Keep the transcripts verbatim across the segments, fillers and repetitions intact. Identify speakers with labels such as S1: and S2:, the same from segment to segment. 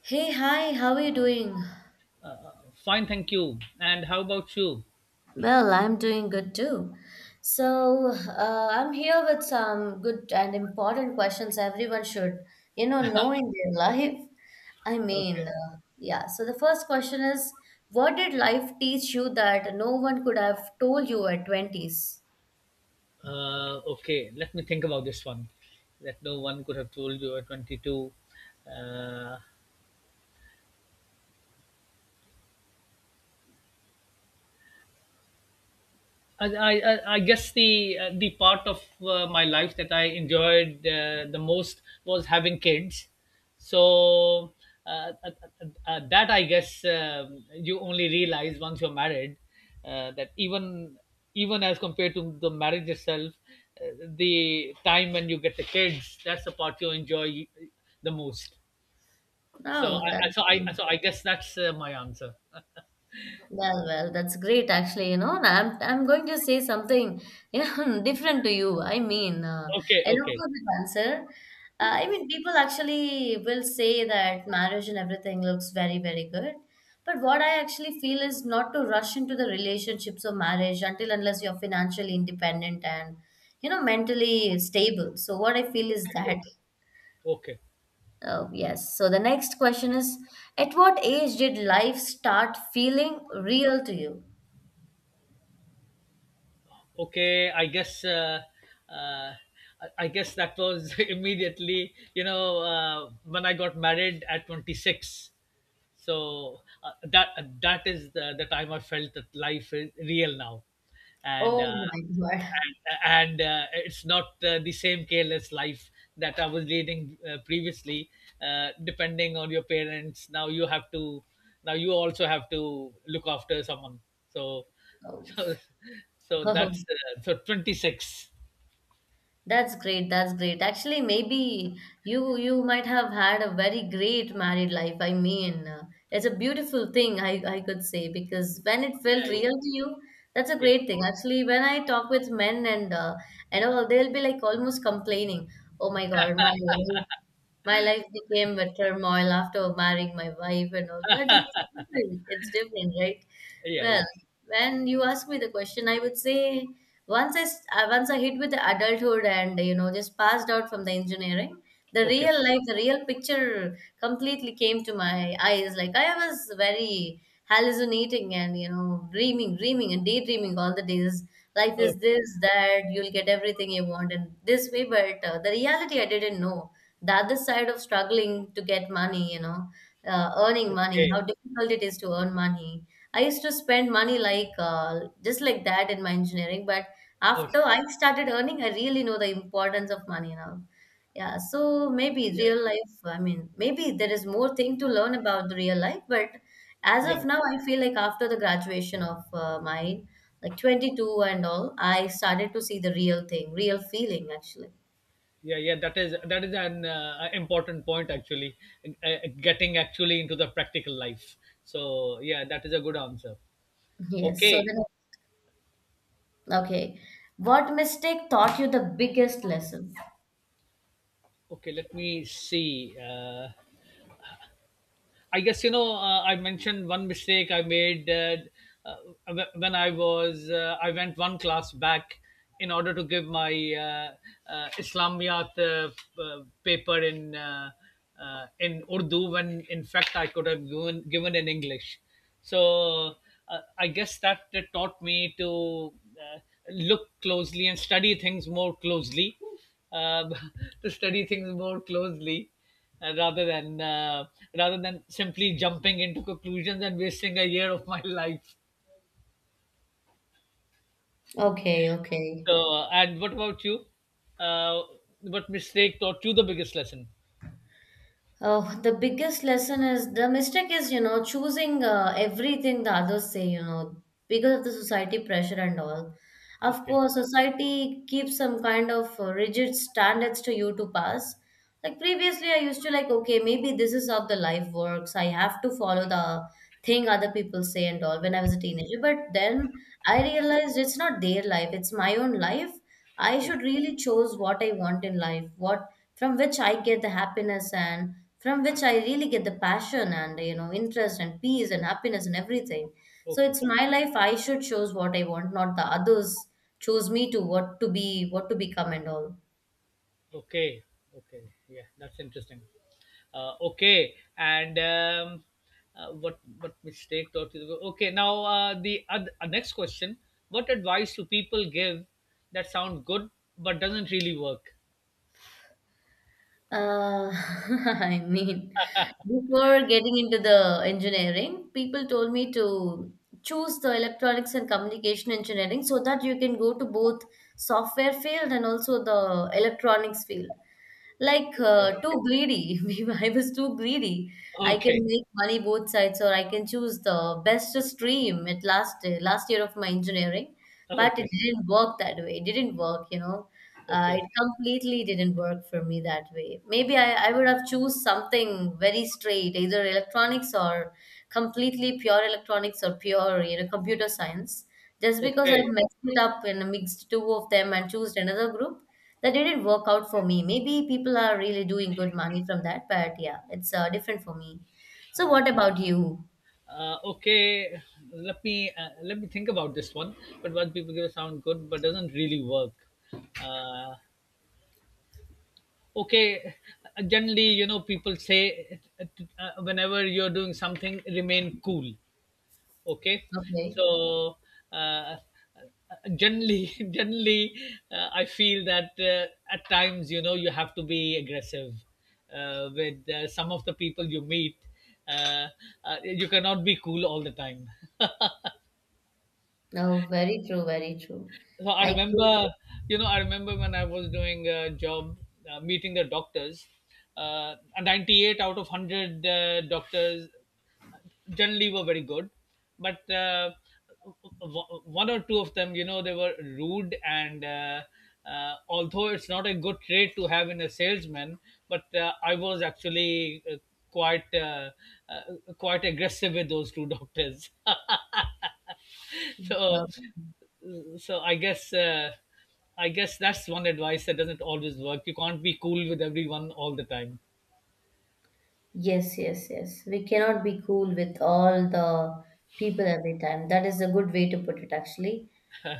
S1: Hey, hi, how are you doing?
S2: Fine, thank you. And how about you?
S1: Well, I'm doing good too. So, uh, I'm here with some good and important questions everyone should, you know, know in their life. I
S2: Okay.
S1: mean, uh, yeah. So, the first question is, what did life teach you that no one could have told you at twenties?
S2: Uh, okay, let me think about this one. That no one could have told you at twenty-two. Uh, I, I, I guess the uh, the part of uh, my life that I enjoyed uh, the most was having kids. So uh, uh, uh, uh, uh, that I guess um, you only realize once you're married uh, that even even as compared to the marriage itself, uh, the time when you get the kids, that's the part you enjoy the most. So
S1: Oh,
S2: I I-
S1: that's
S2: so I so I guess that's uh, my answer.
S1: Well, well, that's great actually. You know, and I'm I'm going to say something you know, different to you. I mean, uh,
S2: Okay,
S1: an
S2: okay,
S1: opposite answer. Uh, I mean, people actually will say that marriage and everything looks very, very good. But what I actually feel is not to rush into the relationships of marriage until unless you're financially independent and you know mentally stable. So what I feel is that.
S2: okay.
S1: Oh, yes. So the next question is, at what age did life start feeling real to you?
S2: okay i guess uh, uh, i I guess that was immediately, you know uh, when I got married at twenty-six. So uh, that uh, that is the, the time I felt that life is real now, and
S1: Oh
S2: uh,
S1: my God.
S2: and, and uh, it's not uh, the same careless life that I was leading uh, previously. Uh, depending on your parents, now you have to now you also have to look after someone. So
S1: Oh,
S2: so so that's uh, so twenty six.
S1: that's great. That's great. Actually, maybe you you might have had a very great married life. I mean, uh, it's a beautiful thing, I, I could say, because when it felt
S2: Yeah,
S1: real to you, that's a
S2: yeah,
S1: great thing. Actually, when I talk with men and uh, and all, they'll be like almost complaining, "Oh my God, my life. My life became a turmoil after marrying my wife and all, but it's different. It's different, right?"
S2: yeah, yeah,
S1: Well,
S2: yeah.
S1: when you ask me the question, I would say once I s- uh, once I hit with the adulthood and you know just passed out from the engineering, the
S2: Okay,
S1: real life, the real picture completely came to my eyes. Like I was very hallucinating and you know dreaming, dreaming and daydreaming all the days. Life is
S2: okay,
S1: this that you'll get everything you want and this way, but uh, the reality I didn't know the other side of struggling to get money, you know, uh, earning money,
S2: okay,
S1: how difficult it is to earn money. I used to spend money like uh, just like that in my engineering, but
S2: okay,
S1: after I started earning, I really know the importance of money now. Yeah, so maybe real
S2: yeah,
S1: life, I mean, maybe there is more thing to learn about the real life, but as
S2: yeah,
S1: of
S2: yeah,
S1: now, I feel like after the graduation of uh, mine, like twenty-two and all, I started to see the real thing, real feeling actually.
S2: yeah yeah that is that is an uh, important point, actually. Uh, uh, getting actually into the practical life. So yeah, that is a good answer.
S1: Yes, so
S2: Okay.
S1: then okay. What mistake taught you the biggest lesson?
S2: Okay let me see uh, I guess, you know uh, I mentioned one mistake I made uh, uh, when I was uh, I went one class back in order to give my uh, uh, Islamiyat uh, uh, paper in uh, uh, in Urdu, when in fact I could have given given in English. So uh, I guess that uh, taught me to uh, look closely and study things more closely, uh, to study things more closely uh, rather than uh, rather than simply jumping into conclusions and wasting a year of my life.
S1: Okay, okay.
S2: So, uh, and what about you? Uh, what mistake taught you the biggest lesson?
S1: Oh, the biggest lesson is the mistake is, you know, choosing uh, everything the others say, you know, because of the society pressure and all. Of
S2: Okay,
S1: course, society keeps some kind of uh, rigid standards to you to pass. Like previously, I used to like, okay, maybe this is how the life works. I have to follow the thing other people say and all when I was a teenager. But then I realized it's not their life, it's my own life. I should
S2: okay,
S1: really choose what I want in life, what from which I get the happiness and from which I really get the passion and you know interest and peace and happiness and everything. So
S2: okay,
S1: it's my life. I should choose what I want, not the others choose me to what to be, what to become, and all.
S2: okay, okay. Yeah, that's interesting. Uh, okay, and um, uh, what what mistake taught you? the- Okay, now uh, the oth- uh, next question: what advice do people give that sound good but doesn't really work?
S1: Uh, I mean, before getting into the engineering, people told me to choose the electronics and communication engineering so that you can go to both software field and also the electronics field. Like
S2: Okay,
S1: uh, too greedy. I was too greedy. I can
S2: okay,
S1: make money both sides, or I can choose the best stream at last last year of my engineering. But
S2: okay.
S1: it didn't work that way. It didn't work, you know. Uh,
S2: Okay,
S1: it completely didn't work for me that way. Maybe I, I would have choose something very straight, either electronics or completely pure electronics or pure, you know, computer science. Just because I
S2: okay,
S1: messed it up and mixed two of them and chose another group, that didn't work out for me. Maybe people are really doing good money from that, but yeah, it's uh, different for me. So what about you?
S2: uh, okay. Let me uh, let me think about this one. But what people give sound good, but doesn't really work. Uh, okay, generally, you know, people say uh, uh, whenever you're doing something, remain cool. Okay.
S1: Okay.
S2: So uh, generally generally uh, i feel that uh, at times, you know, you have to be aggressive uh, with uh, some of the people you meet. uh, uh, you cannot be cool all the time.
S1: No, very true, very true.
S2: So I
S1: I could,
S2: remember, you know, I remember when I was doing a job, uh, meeting the doctors. Uh, ninety-eight out of one hundred uh, doctors generally were very good, but uh, w- one or two of them, you know, they were rude. And uh, uh, Although it's not a good trait to have in a salesman, but uh, I was actually uh, quite uh, uh, quite aggressive with those two doctors. So so i guess uh, i guess that's one advice that doesn't always work. You can't be cool with everyone all the time.
S1: yes, yes, yes. We cannot be cool with all the people every time. That is a good way to put it, actually.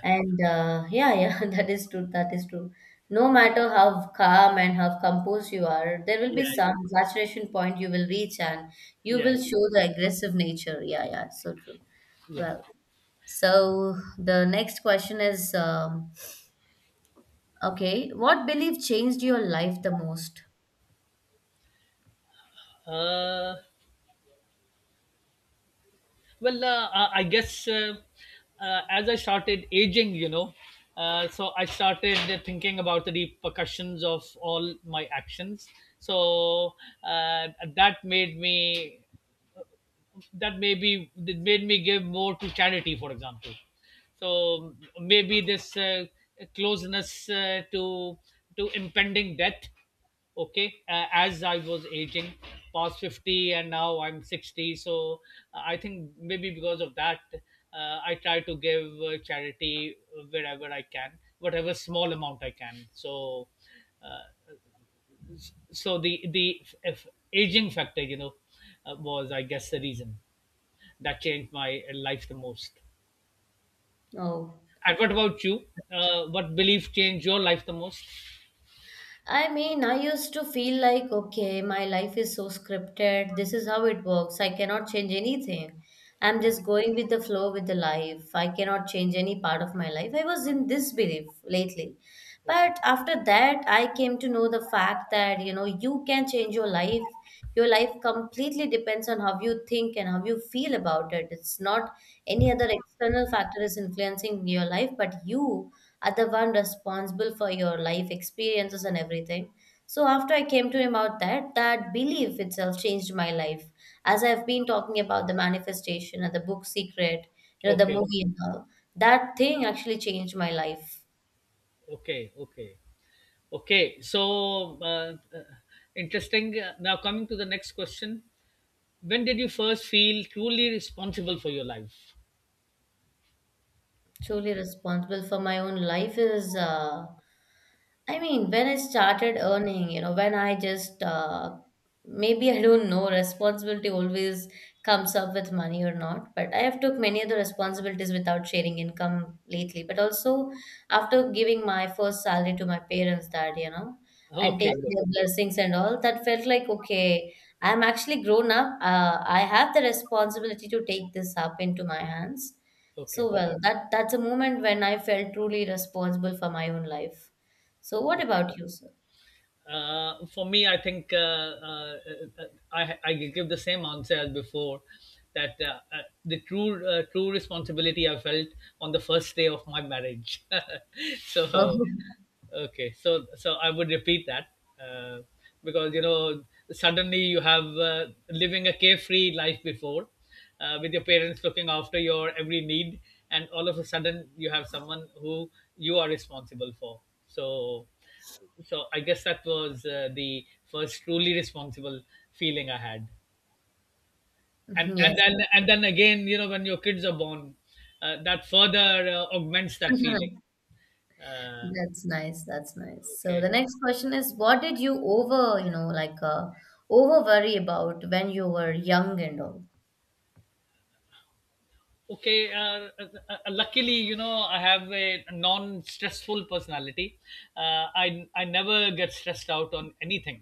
S1: And uh, yeah, yeah, that is true. That is true. No matter how calm and how composed you are, there will
S2: Yeah,
S1: be some saturation point you will reach, and you
S2: yeah,
S1: will show the aggressive nature. Yeah, yeah, so true.
S2: yeah.
S1: Well, so the next question is, um, okay, what belief changed your life the most?
S2: yeah uh, well uh, i I guess, uh, uh, as I started aging, you know, uh, so I started thinking about the repercussions of all my actions. So uh, that made me that maybe that made me give more to charity, for example. So maybe this uh, closeness uh, to to impending death. Okay, uh, as I was aging, past fifty, and now I'm sixty. So uh, I think maybe because of that, uh, I try to give uh, charity wherever I can, whatever small amount I can. So, uh, so the the if aging factor, you know, uh, was I guess the reason that changed my life the most.
S1: Oh.
S2: And what about you? Uh, what belief changed your life the most?
S1: I mean, I used to feel like, okay, my life is so scripted. This is how it works. I cannot change anything. I'm just going with the flow with the life. I cannot change any part of my life. I was in this belief lately.
S2: Okay,
S1: But after that, I came to know the fact that, you know, you can change your life. Your life completely depends on how you think and how you feel about it. It's not any other external factor is influencing your life, but you other one responsible for your life experiences and everything. So after I came to him out that that belief itself changed my life, as I've been talking about the manifestation and the book secret, you know, the
S2: okay,
S1: movie and all, that thing actually changed my life.
S2: okay, okay, okay. So uh, uh, interesting. Uh, Now coming to the next question. When did you first feel truly responsible for your life?
S1: Truly responsible for my own life is uh, I mean, when I started earning, you know, when I just uh, maybe I don't know, responsibility always comes up with money or not. But I have took many other responsibilities without sharing income lately. But also after giving my first salary to my parents, that you know, and
S2: Okay,
S1: taking
S2: good.
S1: their blessings and all, that felt like okay, I'm actually grown up. Uh, I have the responsibility to take this up into my hands,
S2: Okay,
S1: so well, that that's a moment when I felt truly responsible for my own life. So what
S2: okay.
S1: about you, sir?
S2: Uh, for me, I think, uh, uh, uh, I, I give the same answer as before, that uh, uh, the true uh, true responsibility I felt on the first day of my marriage. So
S1: Oh,
S2: okay, so so I would repeat that, uh, because you know, suddenly you have, uh, living a carefree life before, uh, with your parents looking after your every need, and all of a sudden you have someone who you are responsible for. So so I guess that was uh, the first truly responsible feeling I had, and and
S1: yes.
S2: then and then again, you know, when your kids are born, uh, that further uh, augments that feeling. Uh,
S1: That's nice. That's nice. So the
S2: okay,
S1: next question is, what did you over, you know, like uh, over worry about when you were young and all?
S2: okay uh, uh, uh, luckily, you know, I have a non stressful personality. Uh, i i never get stressed out on anything,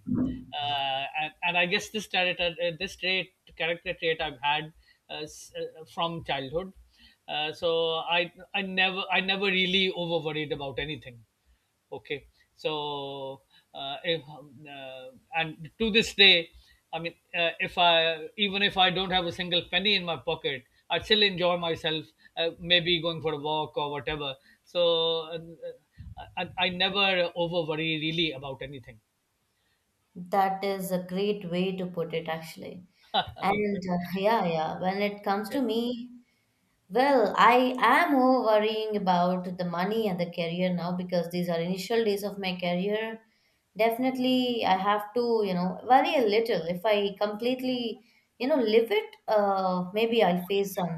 S2: uh, and, and i guess this trait, uh, this trait character trait I've had uh, s- uh, from childhood. Uh, so i i never i never really over worried about anything. Okay. So, uh, if, um, uh, and to this day, I mean, uh, if I even if I don't have a single penny in my pocket, I still enjoy myself. Uh, maybe going for a walk or whatever. So, uh, I, I I never over worry really about anything.
S1: That is a great way to put it, actually.
S2: Okay.
S1: And uh, yeah, yeah, when it comes
S2: Yeah.
S1: to me, well, I am more worrying about the money and the career now because these are initial days of my career. Definitely, I have to, you know, worry a little. If I completely, you know, live it, uh, maybe I'll face some,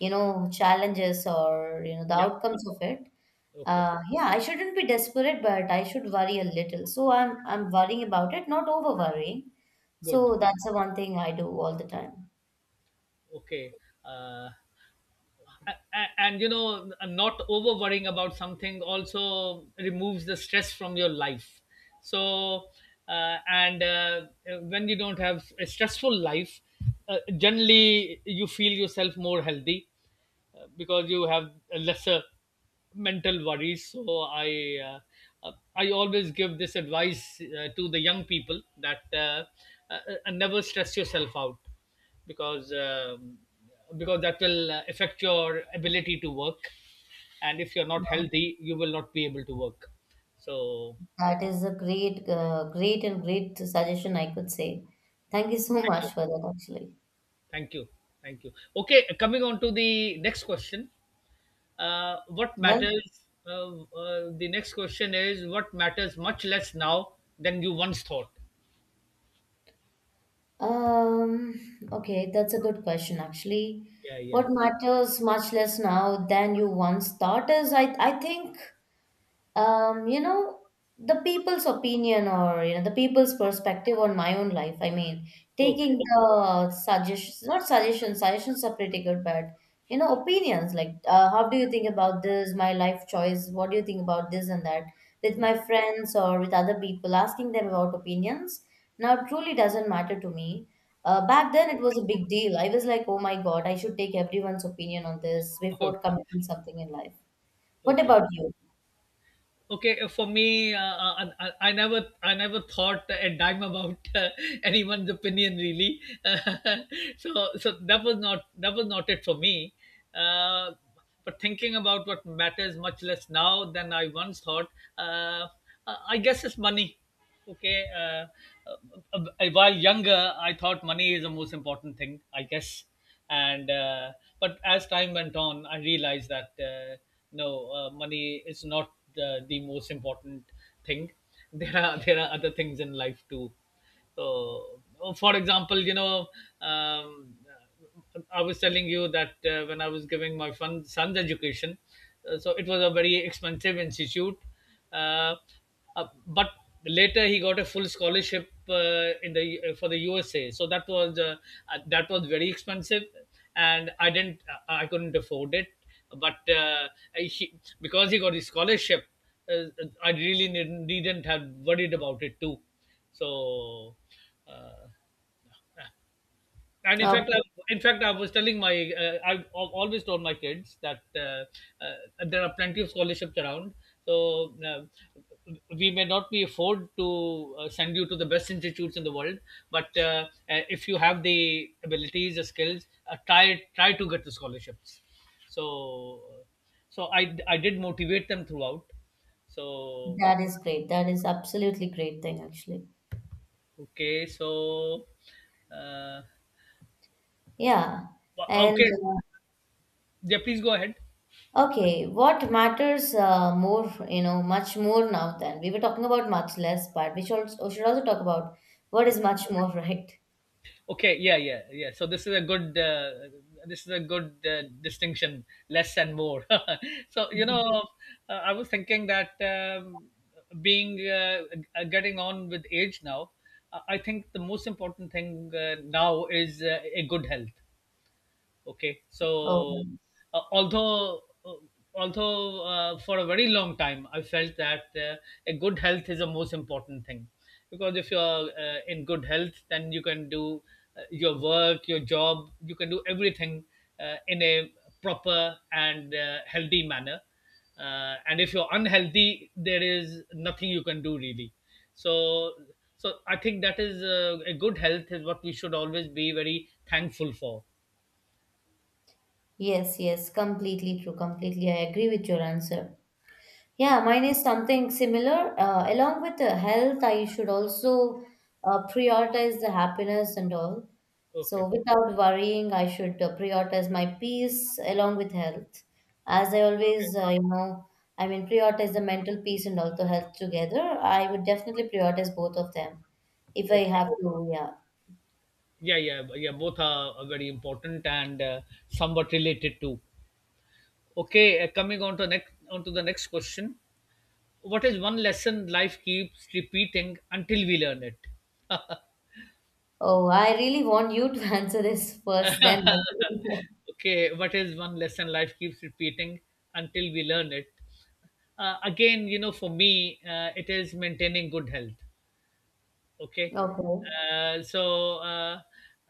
S1: you know, challenges or, you know, the
S2: Yeah.
S1: outcomes of it.
S2: Okay.
S1: Uh, yeah, I shouldn't be desperate, but I should worry a little. So I'm I'm worrying about it, not over worrying.
S2: Good.
S1: So that's the one thing I do all the time.
S2: Okay. Uh, and you know, not over worrying about something also removes the stress from your life. So uh, and uh, when you don't have a stressful life, uh, generally you feel yourself more healthy, uh, because you have lesser mental worries. So I uh, uh, I always give this advice uh, to the young people that uh, uh, uh, never stress yourself out, because um, because that will uh, affect your ability to work, and if you're not healthy, you will not be able to work. So
S1: That is a great, uh, great and great suggestion, I could say. Thank you so
S2: thank you,
S1: much for that, actually.
S2: thank you, thank you. Okay, coming on to the next question. Uh, what
S1: Well,
S2: matters uh, uh, the next question is, what matters much less now than you once thought?
S1: um, okay, that's a good question, actually.
S2: Yeah, yeah.
S1: What matters much less now than you once thought is, I, I think um you know the people's opinion or you know the people's perspective on my own life. I mean,
S2: Okay,
S1: taking the suggestions, not suggestions, suggestions are pretty good but, you know, opinions like uh, how do you think about this my life choice, what do you think about this and that, with my
S2: okay,
S1: friends or with other people asking them about opinions now truly doesn't matter to me. Uh, back then it was a big deal. I was like, oh my god, I should take everyone's opinion on this before
S2: okay,
S1: committing something in life. What
S2: okay.
S1: about you?
S2: Okay uh, for me, uh, I, I I never i never thought a dime about uh, anyone's opinion, really. So so that was not that was not it for me. uh, but thinking about what matters much less now than I once thought, uh, i I guess it's money. Okay. uh, uh, uh, while younger, I thought money is the most important thing, I guess. And uh, But as time went on, I realized that uh, no, uh, money is not the, the most important thing. There are there are other things in life too. So for example, you know, um, I was telling you that, uh, when I was giving my fun, son's education, uh, so it was a very expensive institute. Uh, uh, but later he got a full scholarship uh, in the uh, for the U S A. So that was uh, uh, that was very expensive, and I didn't uh, I couldn't afford it. But uh, he, because he got his scholarship, uh, I really didn't, didn't have worried about it too. So. Uh, and in fact, I,
S1: Okay.
S2: in fact, I was telling my, uh, I've al- always told my kids that uh, uh, there are plenty of scholarships around. So uh, we may not be afford to uh, send you to the best institutes in the world, but uh, uh, if you have the abilities, the skills, uh, try try to get the scholarships. So, so I I did motivate them throughout. So
S1: That is great. That is absolutely great thing actually.
S2: okay, so uh,
S1: Yeah. And
S2: okay, yeah, please go ahead.
S1: uh, okay, what matters uh, more, you know, much more now, than we were talking about much less, but we should also, should also talk about what is much more, right?
S2: Okay, yeah, yeah, yeah. So this is a good uh, this is a good uh, distinction, less and more. So you know, uh, I was thinking that, um, being uh, uh, getting on with age now, uh, I think the most important thing uh, now is uh, a good health. Okay,
S1: Oh,
S2: so uh, although uh, although uh, for a very long time I felt that uh, a good health is the most important thing, because if you're uh, in good health, then you can do uh, your work, your job, you can do everything uh, in a proper and uh, healthy manner. Uh, and if you're unhealthy, there is nothing you can do really. So so I think that is uh, a good health is what we should always be very thankful for.
S1: yes, yes, completely true. Completely, I agree with your answer. Yeah,
S2: Okay.
S1: mine is something similar. Uh, along with the health, I should also uh, prioritize the happiness and all.
S2: Okay.
S1: So,
S2: Okay.
S1: without worrying, I should uh, prioritize my peace along with health. As I always, uh, you know, I mean, prioritize the mental peace and also health together. I would definitely prioritize both of them if I
S2: Okay.
S1: have to. Yeah.
S2: Yeah, yeah, yeah. Both are, are very important and uh, somewhat related too. Okay, uh, coming on to next on to the next question. What is one lesson life keeps repeating until we learn it?
S1: Oh, I really want you to answer this first, then. I will.
S2: Okay, what is one lesson life keeps repeating until we learn it? Uh, again, you know, for me, uh, it is maintaining good health. Okay.
S1: Okay.
S2: Uh, so uh,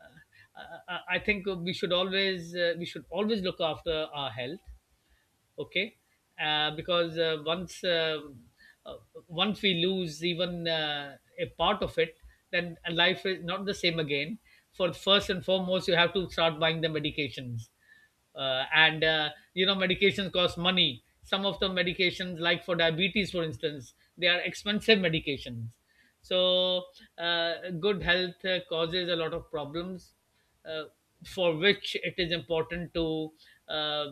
S2: uh, I I think we should always uh, we should always look after our health. Okay. Uh, because uh, once uh, uh, once we lose even uh, a part of it, then life is not the same again. For first and foremost, you have to start buying the medications, uh, and uh, you know, medications cost money. Some of the medications, like for diabetes for instance, they are expensive medications. So uh, good health uh, causes a lot of problems, uh, for which it is important to uh,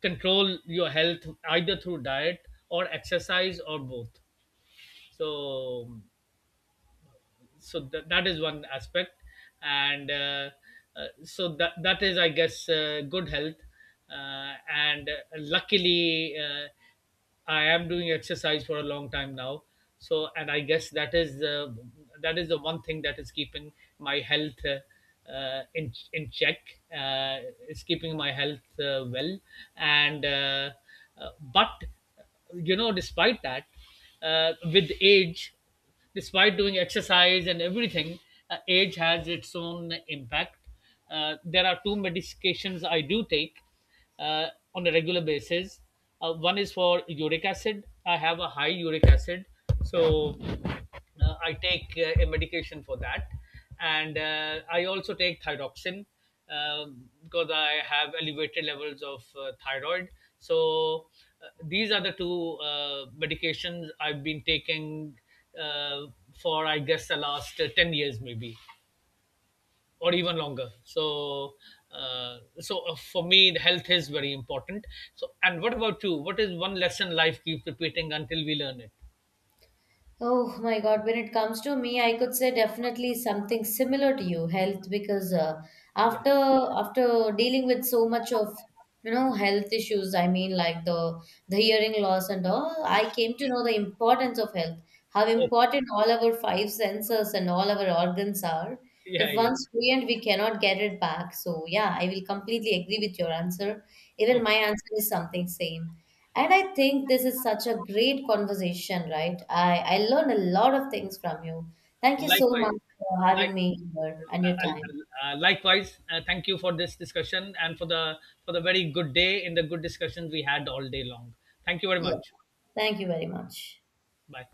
S2: control your health either through diet or exercise or both. So so that that is one aspect. And uh, uh, so that that is I guess uh, Good health. Uh, and uh, Luckily, uh, I am doing exercise for a long time now. So and I guess that is the that is the one thing that is keeping my health uh, uh, in in check, uh, is keeping my health uh, well. And uh, uh, but you know, despite that, uh, with age, despite doing exercise and everything, uh, age has its own impact. Uh, there are two medications I do take uh, on a regular basis. Uh, one is for uric acid. I have a high uric acid, so uh, I take uh, a medication for that, and uh, I also take thyroxin, um, because I have elevated levels of uh, thyroid. So uh, these are the two uh, medications I've been taking uh, for I guess the last uh, ten years maybe, or even longer. So. Uh, so uh, for me, the health is very important. So and what about you, what is one lesson life keeps repeating until we learn it?
S1: Oh my God, when it comes to me, I could say definitely something similar to you, health, because uh,
S2: Yeah,
S1: after after dealing with so much of you know health issues, I mean like the the hearing loss and all, I came to know the importance of health, how
S2: okay.
S1: important all our five senses and all our organs are. If
S2: Yeah, yeah.
S1: once ruined, we cannot get it back. So yeah, I will completely agree with your answer. Even my
S2: Okay.
S1: answer is something same. And I think this is such a great conversation, right? I, I learned a lot of things from you. Thank you so
S2: Likewise,
S1: much for having
S2: like
S1: me here and your
S2: uh,
S1: time.
S2: uh, uh, likewise, uh, thank you for this discussion and for the for the very good day in the good discussions we had all day long. Thank you very
S1: Yes,
S2: much.
S1: thank you very much.
S2: Bye.